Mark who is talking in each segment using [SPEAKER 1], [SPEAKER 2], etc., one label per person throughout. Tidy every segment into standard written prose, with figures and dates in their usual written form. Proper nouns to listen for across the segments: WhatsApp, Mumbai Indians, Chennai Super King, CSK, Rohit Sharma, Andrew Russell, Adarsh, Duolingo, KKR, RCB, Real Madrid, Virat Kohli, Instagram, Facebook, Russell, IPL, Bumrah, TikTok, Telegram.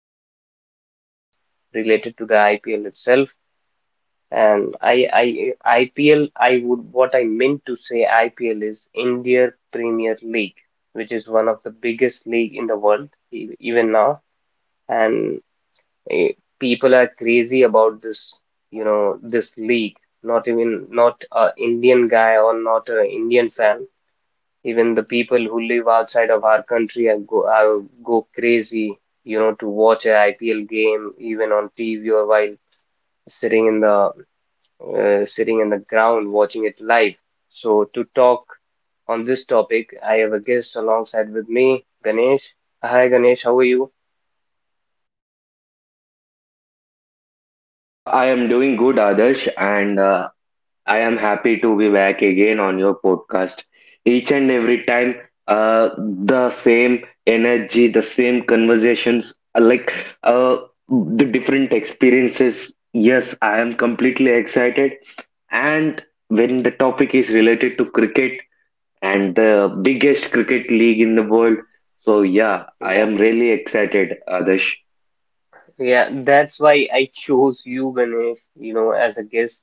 [SPEAKER 1] emotions, memories related to the IPL itself. And I, IPL, I would, what I meant to say, IPL is India Premier League, which is one of the biggest league in the world, even now. And eh, People are crazy about this, this league. Not even, not a Indian guy or not a Indian fan. Even the people who live outside of our country are go crazy, you know, to watch a IPL game, even on TV or while sitting in the sitting on the ground watching it live. So to talk on this topic, I have a guest alongside with me, Ganesh. Hi Ganesh, how are you?
[SPEAKER 2] I am doing good, Adarsh, and I am happy to be back again on your podcast. Each and every time, the same energy, the same conversations, uh, the different experiences. Yes, I am completely excited. And when the topic is related to cricket and the biggest cricket league in the world, so yeah, I
[SPEAKER 1] Yeah,
[SPEAKER 2] am really excited, Adarsh.
[SPEAKER 1] yeah, that's why I chose you, Ganesh, you know, as a guest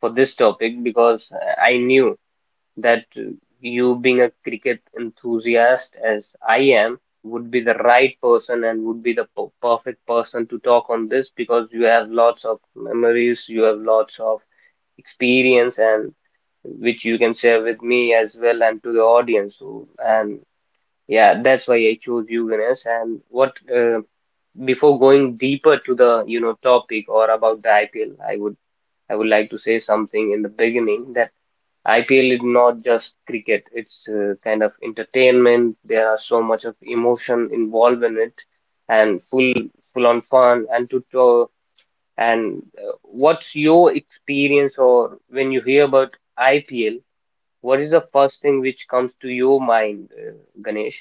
[SPEAKER 1] for this topic because I knew that you being a cricket enthusiast as I am would be the right person and would be the perfect person to talk on this because you have lots of memories, you have lots of experience, and which you can share with me as well and to the audience. So, and yeah, that's why I chose you, Ganesh. And what before going deeper to the you know topic or about the IPL, I would like to say something in the beginning that IPL is not just cricket. It's kind of entertainment. There are so much of emotion involved in it, and full on fun and to and what's your experience or when you hear about IPL? What is the first thing which comes to your mind, Ganesh?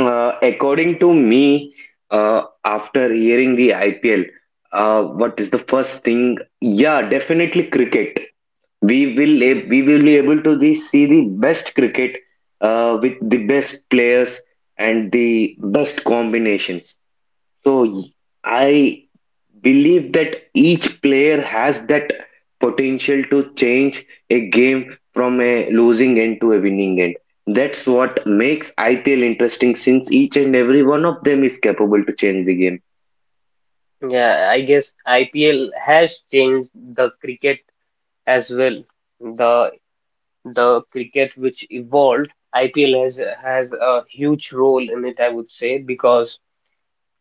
[SPEAKER 2] According to me, after hearing the IPL, what is the first thing? Yeah, definitely cricket. We will be able to see the best cricket with the best players and the best combinations. So y- I believe that each player has that potential to change a game from a losing end to a winning end. That's what makes IPL interesting, since each and every one of them is capable to change the game.
[SPEAKER 1] Yeah, I guess IPL has changed the cricket as well. The the cricket which evolved, IPL has a huge role in it, I would say, because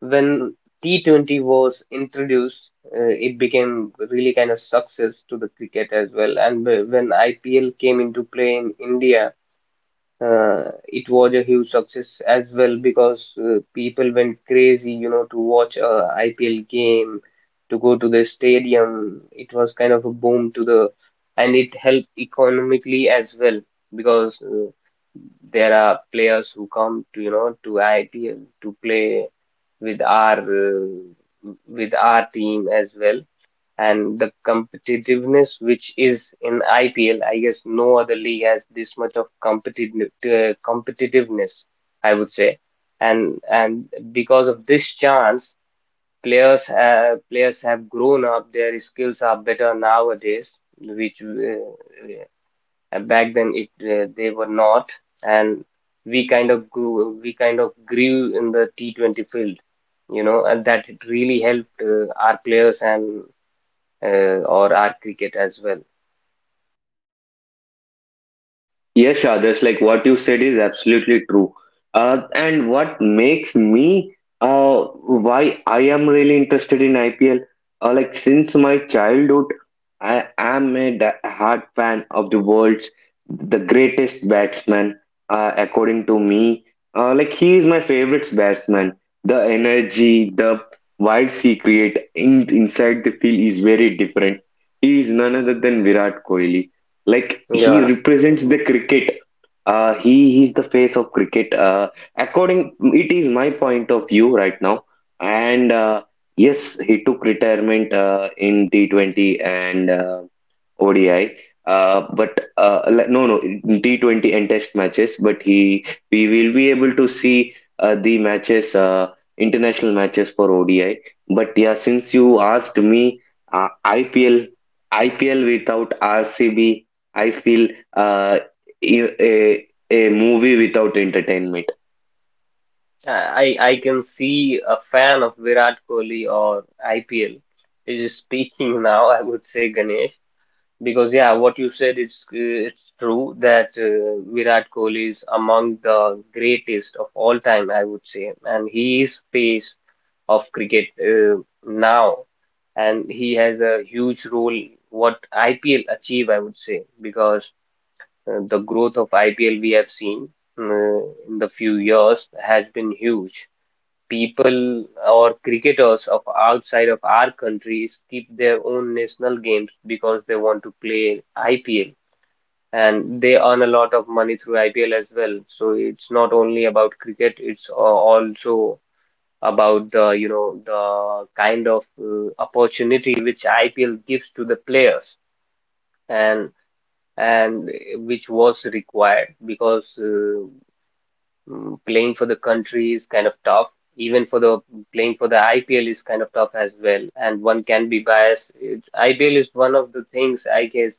[SPEAKER 1] when T20 was introduced, it became really kind of success to the cricket as well. And when IPL came into play in India, it was a huge success as well because people went crazy, you know, to watch a IPL game, to go to the stadium. It was kind of a boom to the, and it helped economically as well because there are players who come to, you know, to IPL to play with our team as well and the competitiveness which is in IPL, I guess no other league has this much of competitiveness, I would say, and because of this chance, players have grown up, their skills are better nowadays, which back then it they were not, and we kind of grew in the T20 field you know and that it really helped our players and uh, or our cricket as well.
[SPEAKER 2] Yes, Adarsh, like what you said is absolutely true. And what makes me uh, why I am really interested in IPL, like since my childhood, I am a hard fan of the world's the greatest batsman, according to me. He is my favorite batsman. The energy, the vibes he create inside the field is very different. He is none other than Virat Kohli. Like, he
[SPEAKER 1] Yeah.
[SPEAKER 2] represents the
[SPEAKER 1] Mm.
[SPEAKER 2] cricket. He is the face of cricket, according — it is my point of view right now. And yes, he took retirement in T20 and ODI. But no, no, T20 and test matches. We will be able to see the matches, international matches for ODI. But yeah, since you asked me, uh, IPL, IPL without RCB, I feel uh, a, a movie without entertainment.
[SPEAKER 1] I can see a fan of Virat Kohli or IPL is speaking now, I would say Ganesh, because yeah, what you said is it's true that Virat Kohli is among the greatest of all time, I would say, and he is face of cricket now, and he has a huge role what IPL achieve, I would say, because the growth of IPL we have seen uh, in the few years has been huge. People or cricketers of outside of our countries keep their own national games because they want to play IPL and they earn a lot of money through IPL as well. So it's not only about cricket, it's also about the, you know, the kind of opportunity which IPL gives to the players. And and Which was required because playing for the country is kind of tough. Even for the Playing for the IPL is kind of tough as well, and one can be biased. It's, IPL is one of the things I guess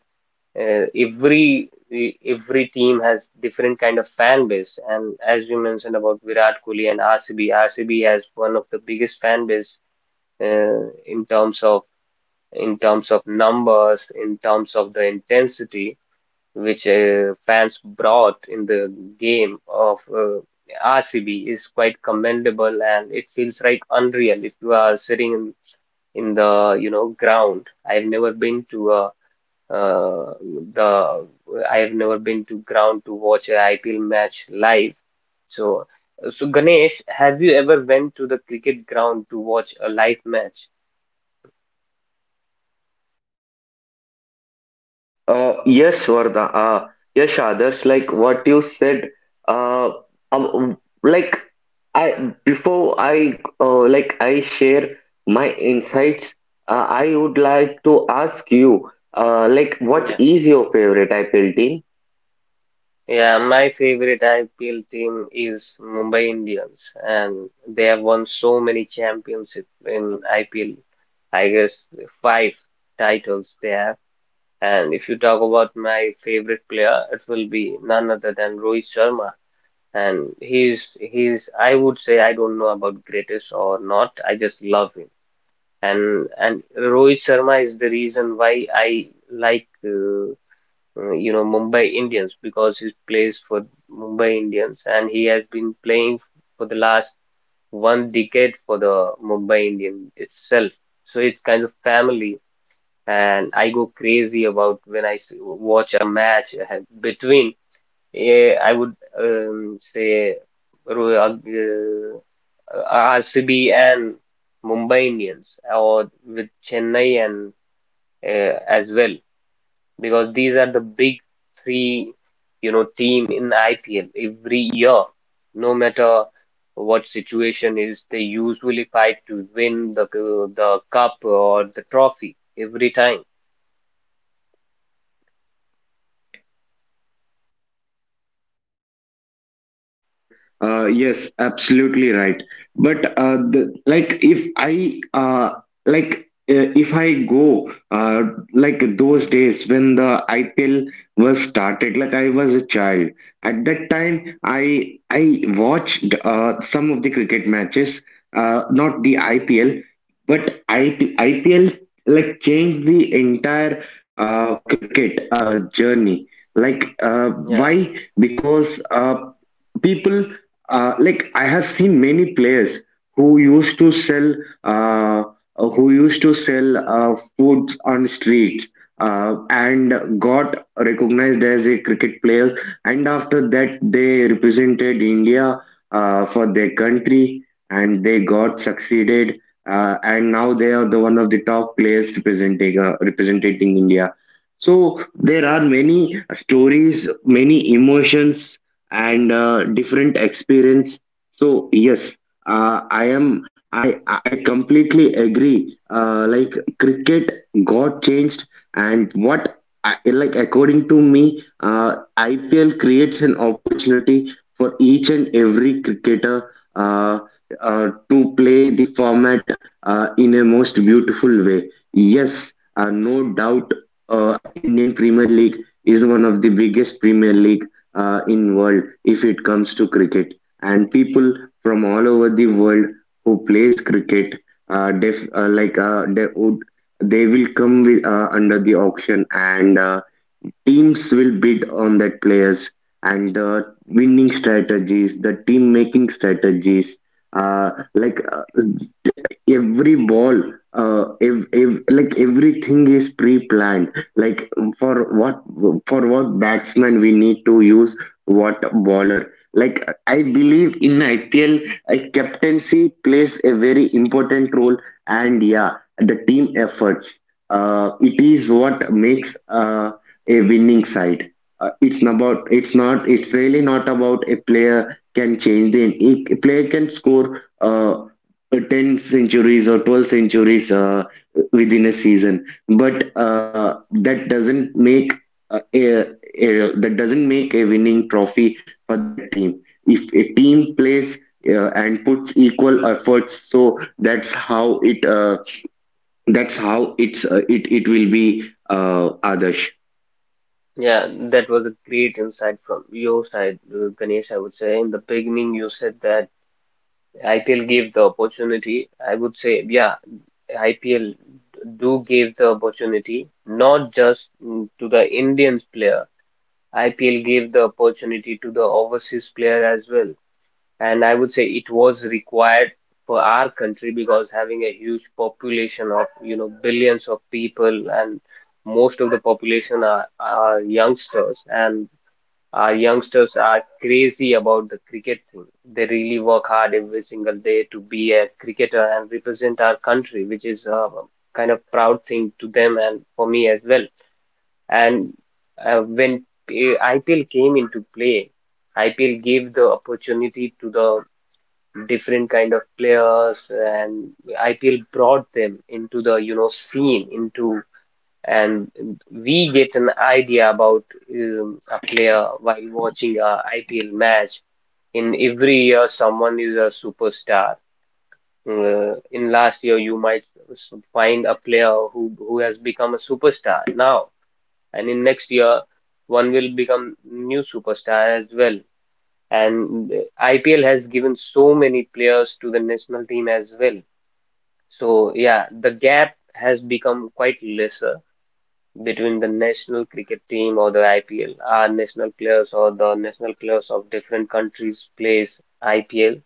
[SPEAKER 1] every every team has different kind of fan base, and as you mentioned about Virat Kohli and RCB, RCB has one of the biggest fan base uh, in terms of in terms of numbers, in terms of the intensity which fans brought in the game of RCB is quite commendable and it feels like unreal if you are in the you know ground. I've never been to a uh, the I have never been to ground to watch a IPL match live. So so Ganesh, have you ever went to the cricket ground to watch a live match?
[SPEAKER 2] Yes, Vardha. Yes, others, like what you said. Uh, um, like I share my insights. I would like to ask you, what
[SPEAKER 1] Yeah.
[SPEAKER 2] is your favorite IPL team?
[SPEAKER 1] Yeah, my favorite IPL team is Mumbai Indians, and they have won so many championships in IPL. I guess five titles they have. And if you talk about my favorite player, it will be none other than Rohit Sharma. And he's I would say I don't know about greatest or not. I just love him. And Rohit Sharma is the reason why I like you know Mumbai Indians because he plays for Mumbai Indians and he has been playing for the last one decade for the Mumbai Indian itself. So it's kind of family, and I go crazy about when watch a match between. Eh, I would say Ro- RCB and Mumbai Indians, or with Chennai and as well because these are the big three, you know, team in IPL every year. No matter what situation is, they usually fight to win the cup or the trophy every time.
[SPEAKER 2] Like, yes, absolutely right. But if I go those days when the IPL was started, like I was a child. At that time, I watched some of the cricket matches, not the IPL, but I, IPL like changed the entire cricket journey. Like, uh,
[SPEAKER 1] Yeah,
[SPEAKER 2] why? Because people I have seen many players who used to sell uh, who used to sell foods on streets, and got recognized as a cricket player, and after that they represented India for their country, and they got succeeded. And now they are the one of the top players representing India. So there are many stories, many emotions, and different experience. So yes, I am I completely agree, uh, like cricket got changed. And I, like, according to me, uh, ipl creates an opportunity for each and every cricketer uh, to play the format in a most beautiful way. Yes, no doubt, uh, Indian Premier League is one of the biggest premier league in world if it comes to cricket. And people from all over the world who plays cricket, def, like they will come under the auction, and teams will bid on that players, and the winning strategies, the team making strategies. Uh, like uh, every ball, everything is pre-planned. Like, for what for what batsman we need to use what bowler. Like, I believe in IPL, a captaincy plays a very important role, and yeah, the team efforts. It is what makes a winning side. It's really not about — a player can score 10 centuries or 12 centuries within a season, but that doesn't make uh, a, a that doesn't make a winning trophy for that team if a team plays and puts equal efforts. So that's how it will be, others.
[SPEAKER 1] yeah, that was a great insight from your side, Ganesh. I would say in the beginning you said that IPL gave the opportunity. I would say, yeah, IPL do give the opportunity not just to the Indians player. IPL gave the opportunity to the overseas player as well. And I would say it was required for our country because having a huge population of, you know, billions of people and most of the population are youngsters and our youngsters are crazy about the cricket thing. They really work hard every single day to be a cricketer and represent our country, which is a kind of proud thing to them and for me as well. And IPL came into play, IPL gave the opportunity to the different kind of players, and IPL brought them into the you know scene into, and we get an idea about a player while watching a IPL match. In every year, someone is a superstar. In last year, you might find a player who has become a superstar now and in next year one will become new superstar as well. And IPL has given so many players to the national team as well. So yeah, the gap has become quite lesser between the national cricket team or the IPL. Our national players or the national players of different countries plays IPL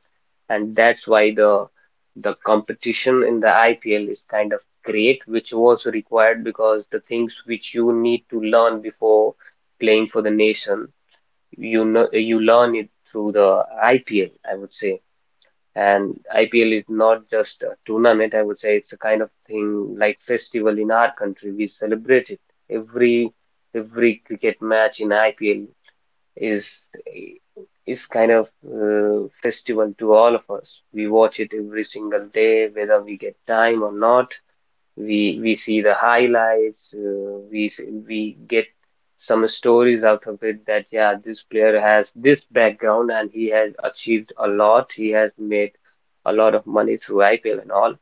[SPEAKER 1] and that's why the competition in the IPL is kind of great, which was required because the things which you need to learn before playing for the nation, you know, you learn it through the IPL, I would say. And IPL is not just a tournament, I would say it's a kind of thing like festival in our country. We celebrate it every every cricket match in IPL is is kind of festival to all of us. We watch it every single day, whether we get time or not. We See the highlights. We Get some stories out of it that yeah, this player has this background and he has achieved a lot. He has made a lot of money through IPL and all,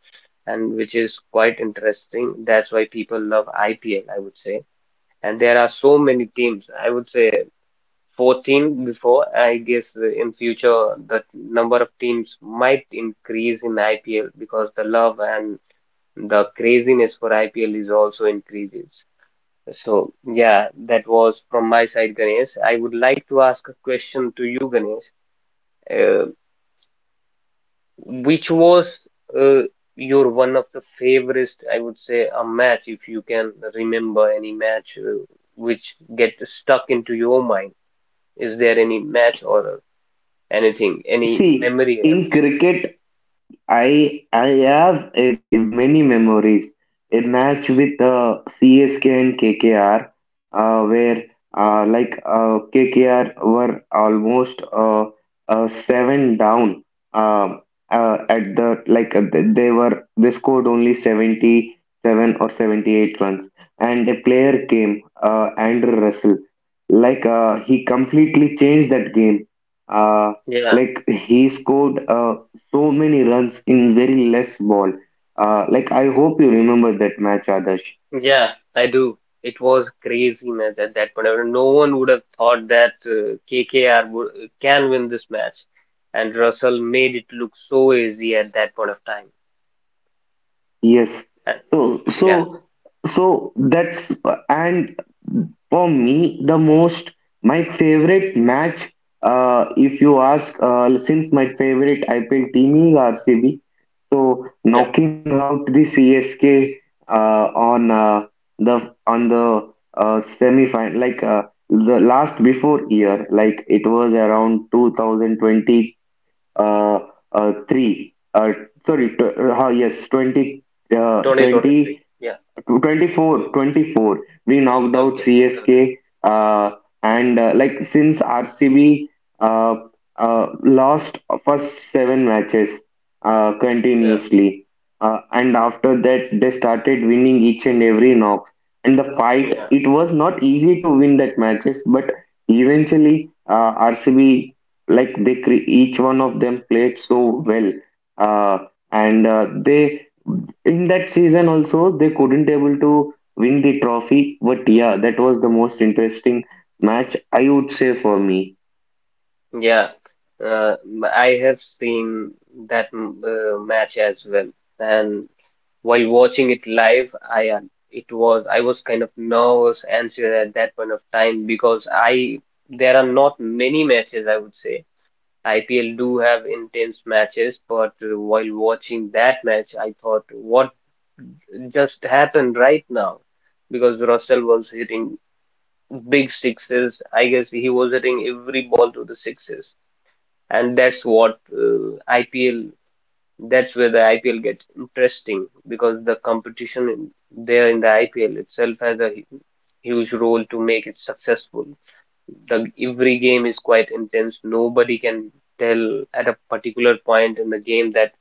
[SPEAKER 1] and which is quite interesting. That's why people love IPL, I would say. And there are so many teams. I would say 14 before. I guess in future the number of teams might increase in IPL because the love and the craziness for IPL is also increases. So yeah, that was from my side, Ganesh. I would like to ask a question to you, Ganesh. Uh, which was uh, your one of the favorite, I would say, a match if you can remember any match which get stuck into your mind? Is there any match or anything, any
[SPEAKER 2] See,
[SPEAKER 1] memory, I
[SPEAKER 2] in
[SPEAKER 1] would say.
[SPEAKER 2] cricket I have many memories. A match with CSK and KKR, where KKR were almost 7 down. Um at the like th- they scored only 77 or 78 runs, and a player came, Andrew Russell. Like, he completely changed that game. Uh,
[SPEAKER 1] Yeah,
[SPEAKER 2] he scored so many runs in very less ball. I hope you remember that match, Adarsh.
[SPEAKER 1] yeah, I do. It was crazy match at that point. I mean, no one would have thought that can win this match, and Russell made it look so easy at that point of time.
[SPEAKER 2] Yes.
[SPEAKER 1] And
[SPEAKER 2] So
[SPEAKER 1] yeah,
[SPEAKER 2] so so that's and for me, the most my favorite match. If you ask, since my favorite IPL team is RCB, so
[SPEAKER 1] yeah,
[SPEAKER 2] knocking out the CSK on the on the semi final, the last before year, it was around 2020, uh, three, yes 20,
[SPEAKER 1] 2023.
[SPEAKER 2] 20
[SPEAKER 1] Yeah,
[SPEAKER 2] 24 24. We knocked out
[SPEAKER 1] okay, got it.
[SPEAKER 2] csk, uh, and like since rcb uh, uh, lost first seven matches
[SPEAKER 1] Yeah,
[SPEAKER 2] continuously, and after that they started winning each and every knocks, and the fight —
[SPEAKER 1] yeah,
[SPEAKER 2] it was not easy to win that matches, but eventually, rcb — each one of them played so well, uh, and they, in that season also, they couldn't able to win the trophy, but yeah, that was the most interesting match, I would say, for me.
[SPEAKER 1] yeah. I have seen that match as well, and While watching it live, I was kind of nervous, anxious at that point of time because I there are not many matches I would say. IPL do have intense matches, but while watching that match, I thought, what just happened right now? Because Russell was hitting big sixes. I guess he was hitting every ball to the sixes, and that's where the IPL gets interesting because there in the IPL itself has a huge role to make it successful. The every game is quite intense. Nobody can tell at a particular point in the game that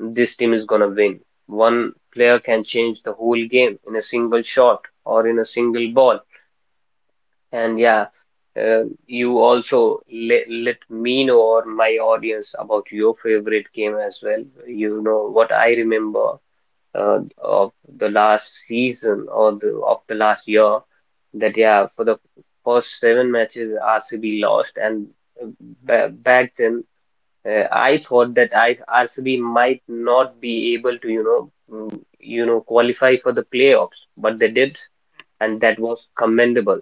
[SPEAKER 1] this team is gonna win. One player can change the whole game in a single shot or in a single ball. And yeah, you also let me know or my audience about your favorite game as well. You know what I remember of the last season or the last year that yeah, for the first 7 matches RCB lost, and uh, ba back then, I thought that I RCB might not be able to, you know, qualify for the playoffs, but they did, and that was commendable.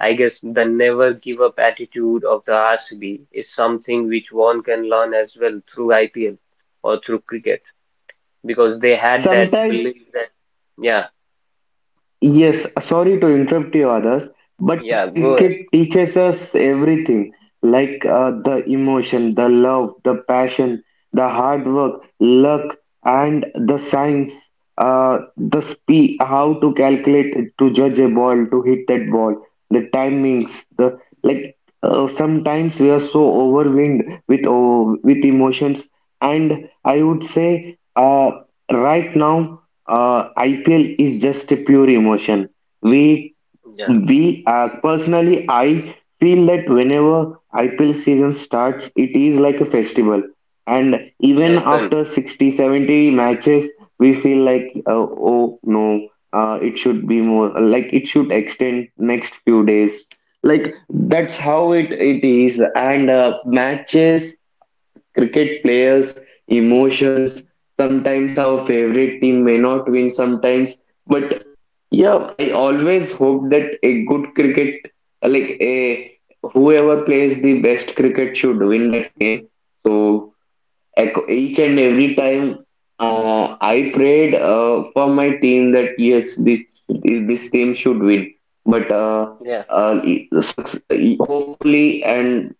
[SPEAKER 1] I guess the never give up attitude of the RCB is something which one can learn as well through IPL or through cricket because they had that
[SPEAKER 2] Sometimes
[SPEAKER 1] belief that yeah.
[SPEAKER 2] Yes, sorry to interrupt you, others, but
[SPEAKER 1] Yeah, go ahead.
[SPEAKER 2] cricket teaches us everything. Like, the emotion, the love, the passion, the hard work, luck, and the science, the speed, how to calculate, to judge a ball, to hit that ball, the timings, the like. Sometimes we are so overwhelmed with emotions, and I would say, right now, IPL is just a pure emotion. We
[SPEAKER 1] Yeah,
[SPEAKER 2] we Personally, I feel that whenever IPL season starts, it is like a festival. And even
[SPEAKER 1] definitely.
[SPEAKER 2] after 60-70 matches, we feel like, oh no, it should extend next few days. Like, that's how it is. And matches, cricket players, emotions. Sometimes our favorite team may not win, sometimes, but yeah, I always hope that a good cricket, like a whoever plays the best cricket should win that game. So each and every time, I prayed for my team that yes, this team should win. but uh,
[SPEAKER 1] Yeah.
[SPEAKER 2] uh, suc- hopefully — and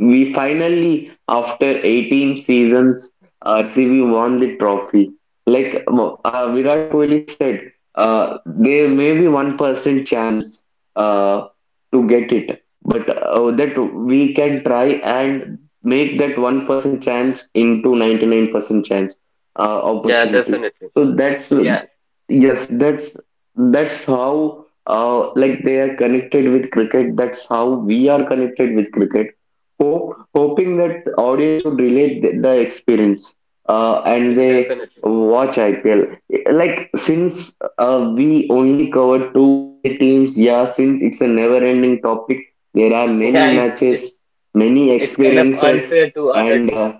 [SPEAKER 2] we finally, after 18 seasons, RCB won the trophy. Like, Virat Kohli said, there may be 1% chance uh, to get it, but that we can try and make that 1% chance into 99% chance
[SPEAKER 1] Yeah,
[SPEAKER 2] opportunity.
[SPEAKER 1] definitely.
[SPEAKER 2] So that's
[SPEAKER 1] Yeah.
[SPEAKER 2] Yes, that's how they are connected with cricket. That's how we are connected with cricket. Hoping that audience would relate the experience, and
[SPEAKER 1] Yeah,
[SPEAKER 2] they
[SPEAKER 1] definitely.
[SPEAKER 2] watch IPL. Since we only covered two of the teams, yeah, since it's a never-ending topic, there are many
[SPEAKER 1] yeah it's it's
[SPEAKER 2] matches, many
[SPEAKER 1] it's kind of
[SPEAKER 2] experiences,
[SPEAKER 1] unfair to other
[SPEAKER 2] and
[SPEAKER 1] teams.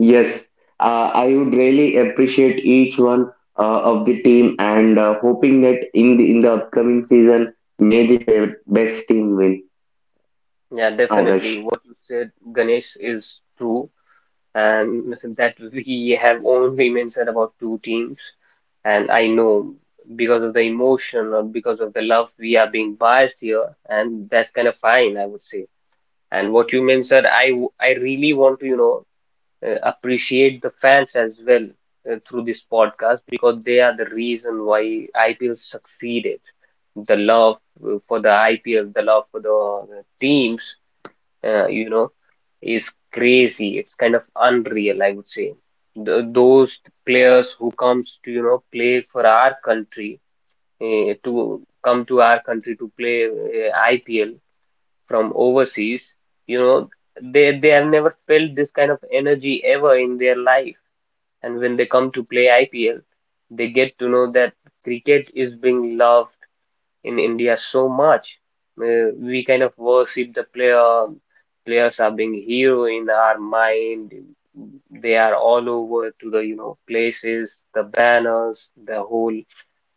[SPEAKER 2] Yes, I would really appreciate each one of the team and hoping that in the upcoming season, may the best team win,
[SPEAKER 1] Yeah, definitely.
[SPEAKER 2] Adarsh.
[SPEAKER 1] What you said, Ganesh, is true, and that we have only mentioned about two teams. And I know because of the emotion or because of the love, we are being biased here, and that's kind of fine, I would say. And what you meant, sir, I really want to, you know, appreciate the fans as well through this podcast because they are the reason why IPL succeeded. The love for the IPL, the love for the teams, you know, is crazy. It's kind of unreal, I would say. Th Those players who comes to, you know, play for our country, to come to our country to play IPL from overseas, you know, they have never felt this kind of energy ever in their life. And when they come to play IPL, they get to know that cricket is being loved in India so much. We kind of worship the player. Players are being hero in our mind. They are all over to the, you know, places, the banners, the whole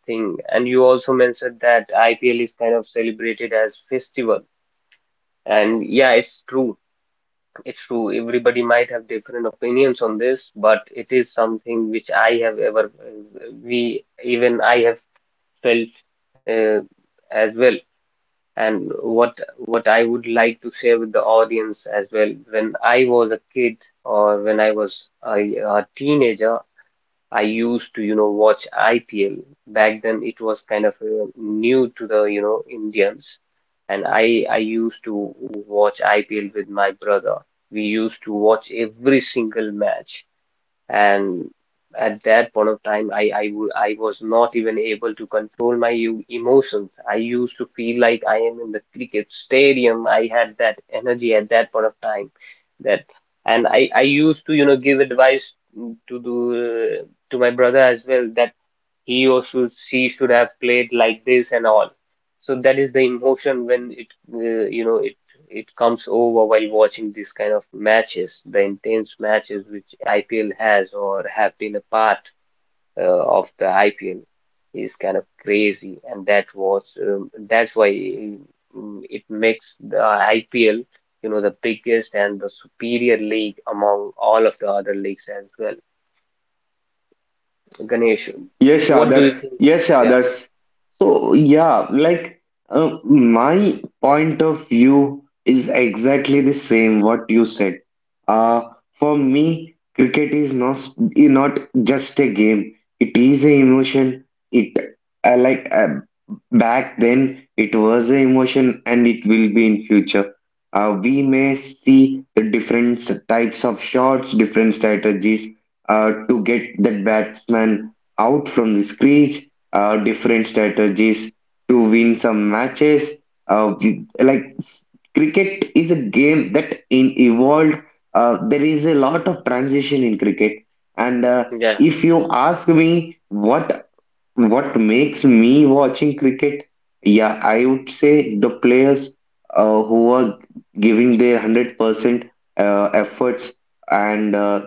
[SPEAKER 1] thing. And you also mentioned that IPL is kind of celebrated as festival. And yeah, it's true. It's true. Everybody might have different opinions on this, but it is something which I have ever, even I have felt uh, as well, and what I would like to share with the audience as well. When I was a kid or when I was a teenager, I used to, you know, watch IPL. Back then, it was kind of new to the, you know, Indians, and I used to watch IPL with my brother. We used to watch every single match, and at that point of time I was not even able to control my emotions. I used to feel like I am in the cricket stadium. I had that energy at that point of time that, and I used to, you know, give advice, to the to my brother as well that he or she should have played like this and all. So that is the emotion when it uh, you know it it comes over while watching this kind of matches, the intense matches which IPL has or have been a part of the IPL is kind of crazy, and that was that's why it makes the IPL, you know, the biggest and the superior league among all of the other leagues as well. Ganesh,
[SPEAKER 2] Yes,
[SPEAKER 1] what do
[SPEAKER 2] Adarsh.
[SPEAKER 1] you think?
[SPEAKER 2] Yes,
[SPEAKER 1] Yeah.
[SPEAKER 2] Adarsh. So, yeah, like my point of view is exactly the same what you said. Uh, for me, cricket is not just a game. It is an emotion. It I like. Back then, it was an emotion, and it will be in future. We may see the different types of shots, different strategies to get that batsman out from the crease, different strategies to win some matches. Uh, we- like Cricket is a game that in evolved. There is a lot of transition in cricket. And
[SPEAKER 1] Yeah.
[SPEAKER 2] if you ask me what makes me watching cricket? Yeah, I would say the players who are giving their 100% efforts, and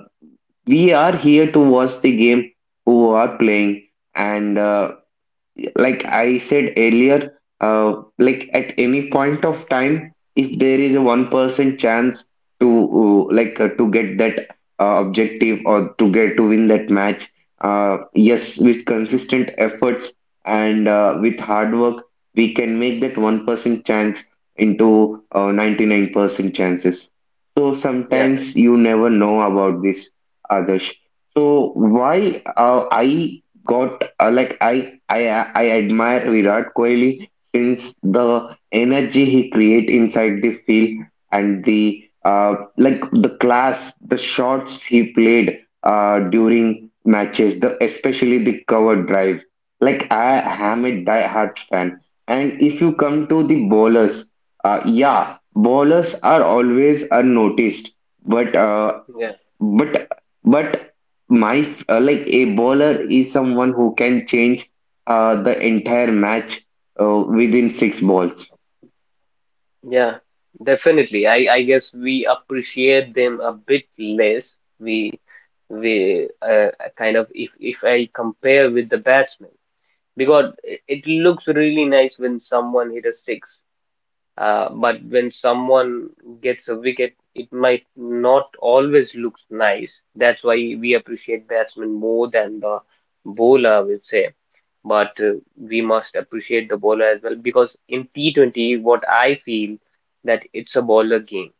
[SPEAKER 2] we are here to watch the game who are playing. And I said earlier, at any point of time, if there is a 1% chance to to get that objective or to get to win that match, yes, with consistent efforts and with hard work, we can make that 1% chance into 99% chances. So
[SPEAKER 1] Yeah,
[SPEAKER 2] sometimes you never know about this, others. So why I got like I admire Virat Kohli since the energy he create inside the field and the class, the shots he played during matches, the especially the cover drive. Like, I am a die-hard fan. And if you come to the bowlers, yeah, bowlers are always unnoticed, but uh,
[SPEAKER 1] yeah,
[SPEAKER 2] but but my like a bowler is someone who can change the entire match within 6 balls.
[SPEAKER 1] yeah, definitely. I guess we appreciate them a bit less. We, we, uh, Kind of, if I compare with the batsman, because it looks really nice when someone hit a six, but when someone gets a wicket, it might not always looks nice. That's why we appreciate batsmen more than the bowler, I would say. But we must appreciate the bowler as well because in T20, what I feel that it's a bowler game.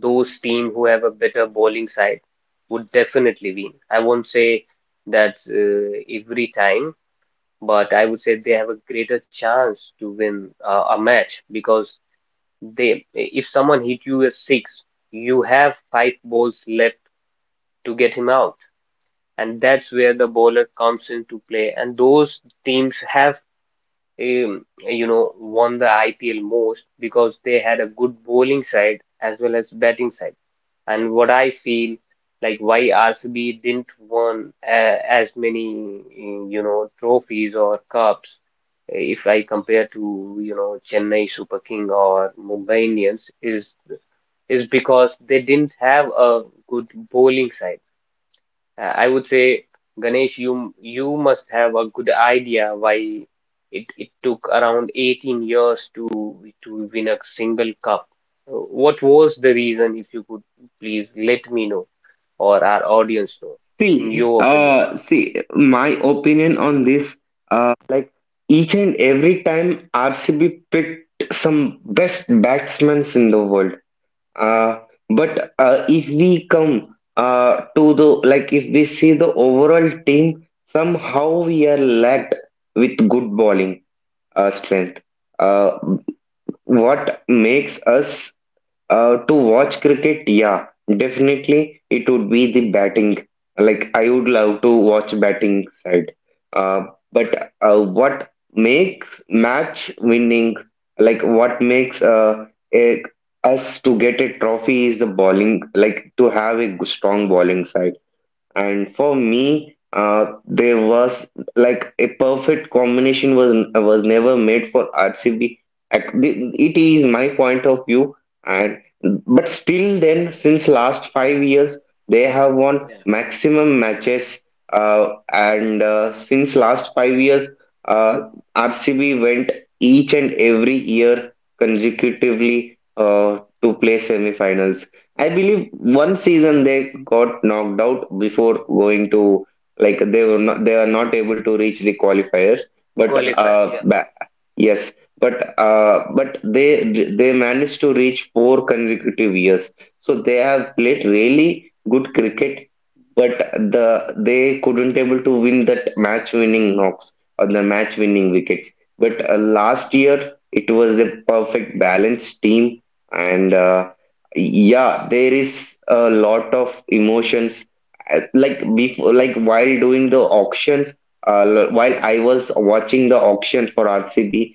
[SPEAKER 1] Those team who have a better bowling side would definitely win. I won't say that every time, but I would say they have a greater chance to win a match because if someone hit you a six, you have 5 balls left to get him out. And that's where the bowler comes into play. And those teams have you know, won the IPL most because they had a good bowling side as well as batting side. And what I feel like why RCB didn't won as many, you know, trophies or cups if I compare to, you know, Chennai Super King or Mumbai Indians is because they didn't have a good bowling side. I would say, Ganesh, you must have a good idea why it took around 18 years to win a single cup. Uh, What was the reason, if you could please let me know or our audience know, in your opinion?
[SPEAKER 2] See, my opinion on this — uh, like each and every time RCB picked some best batsmen in the world. Uh, but if we come to the like if we see the overall team, somehow we are lacked with good bowling strength. Uh, what makes us to watch cricket? Yeah, definitely it would be the batting. Like, I would love to watch batting side. Uh, but what makes match winning? Like, what makes a, us to get a trophy is the bowling. Like, to have a strong bowling side. And for me, there was, like, a perfect combination was never made for RCB. It is my point of view. And but still, then, since last 5 years, they have won
[SPEAKER 1] Yeah,
[SPEAKER 2] maximum matches. And since last 5 years, uh, RCB went each and every year consecutively to play semifinals. I believe one season they got knocked out before going to — they were not able to reach the qualifiers. But
[SPEAKER 1] qualifier.
[SPEAKER 2] uh,
[SPEAKER 1] Yeah.
[SPEAKER 2] ba- yes, but they managed to reach 4 consecutive years. So they have played really good cricket, but they couldn't able to win that match winning knocks or the match winning wickets. But last year it was a perfect balanced team, and yeah, there is a lot of emotions. Like, while doing the auctions, while I was watching the auctions for RCB,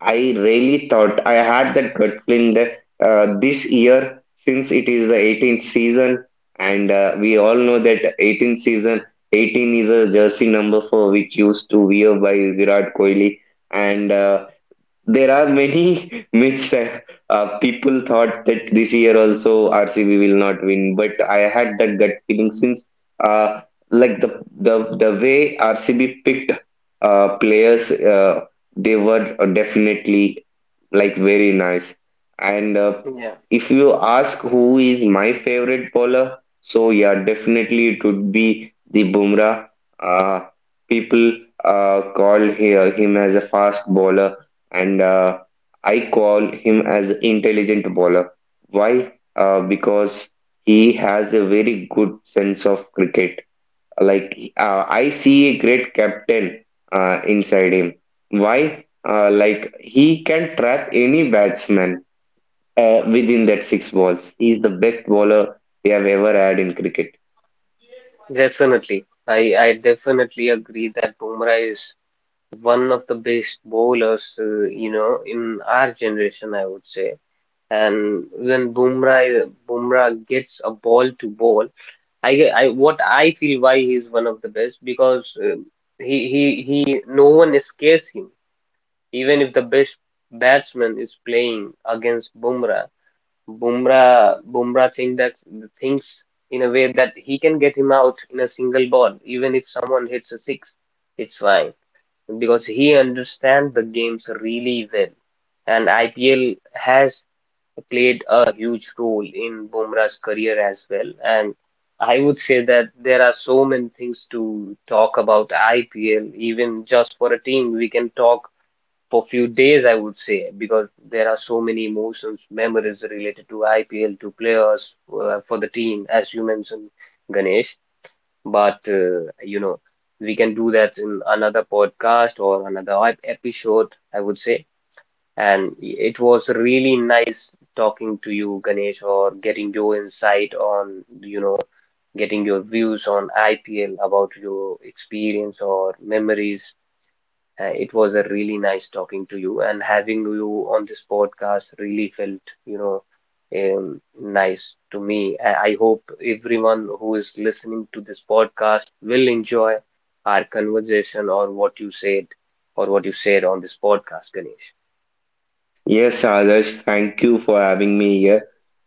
[SPEAKER 2] I really thought — I had that gut feeling that this year, since it is the 18th season, and we all know that 18th season, 18 is a jersey number for which used to wear by Virat Kohli, and there are many myths that people thought that this year also RCB will not win, but I had that gut feeling since uh, the way RCB picked players — they were definitely, like, very nice. And
[SPEAKER 1] Yeah,
[SPEAKER 2] if you ask who is my favorite bowler, so yeah, definitely it would be the Bumrah. Uh, People call him as a fast bowler, and I call him as intelligent bowler. Why? Because he has a very good sense of cricket. Like, I see a great captain inside him. Why? He can trap any batsman within that 6 balls. He's the best bowler we have ever had in cricket.
[SPEAKER 1] definitely. I definitely agree that Bumrah is one of the best bowlers, you know, in our generation, I would say. And when Bumrah gets a ball to ball, I ge- I what I feel why he's one of the best because he no one escapes him even if the best batsman is playing against Bumrah. Bumrah thinks in a way that he can get him out in a single ball, even if someone hits a six, it's fine because he understands the games really well, and IPL has played a huge role in Bumrah's career as well. And I would say that there are so many things to talk about IPL, even just for a team. We can talk for a few days, I would say, because there are so many emotions, memories related to IPL, to players, for the team, as you mentioned, Ganesh. But you know, we can do that in another podcast or another episode, I would say. And it was really nice talking to you, Ganesh, or getting your insight on, you know, getting your views on IPL about your experience or memories. It was a really nice talking to you, and having you on this podcast really felt, you know, nice to me. I hope everyone who is listening to this podcast will enjoy our conversation or what you said on this podcast, Ganesh.
[SPEAKER 2] Yes, Adarsh, thank you for having me here.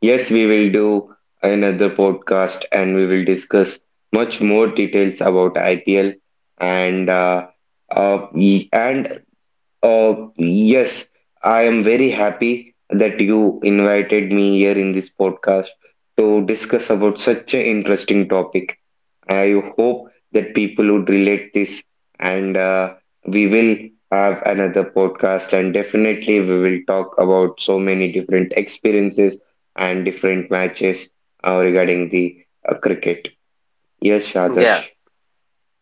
[SPEAKER 2] Yes, we will do another podcast and we will discuss much more details about IPL, and uh, and yes, I am very happy that you invited me here in this podcast to discuss about such an interesting topic. I hope that people would relate this, and we will have another podcast, and definitely we will talk about so many different experiences and different matches regarding the cricket. Yes, Adarsh.
[SPEAKER 1] Yeah.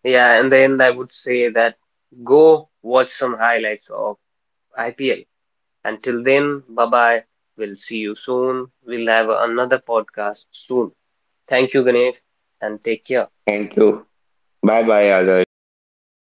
[SPEAKER 1] Yeah, in the end, I would say that go watch some highlights of IPL. Until then, bye bye. We'll see you soon. We'll have another podcast soon. Thank you, Ganesh, and take care.
[SPEAKER 2] Thank you. Bye bye, Adarsh. Thank you. Thank you.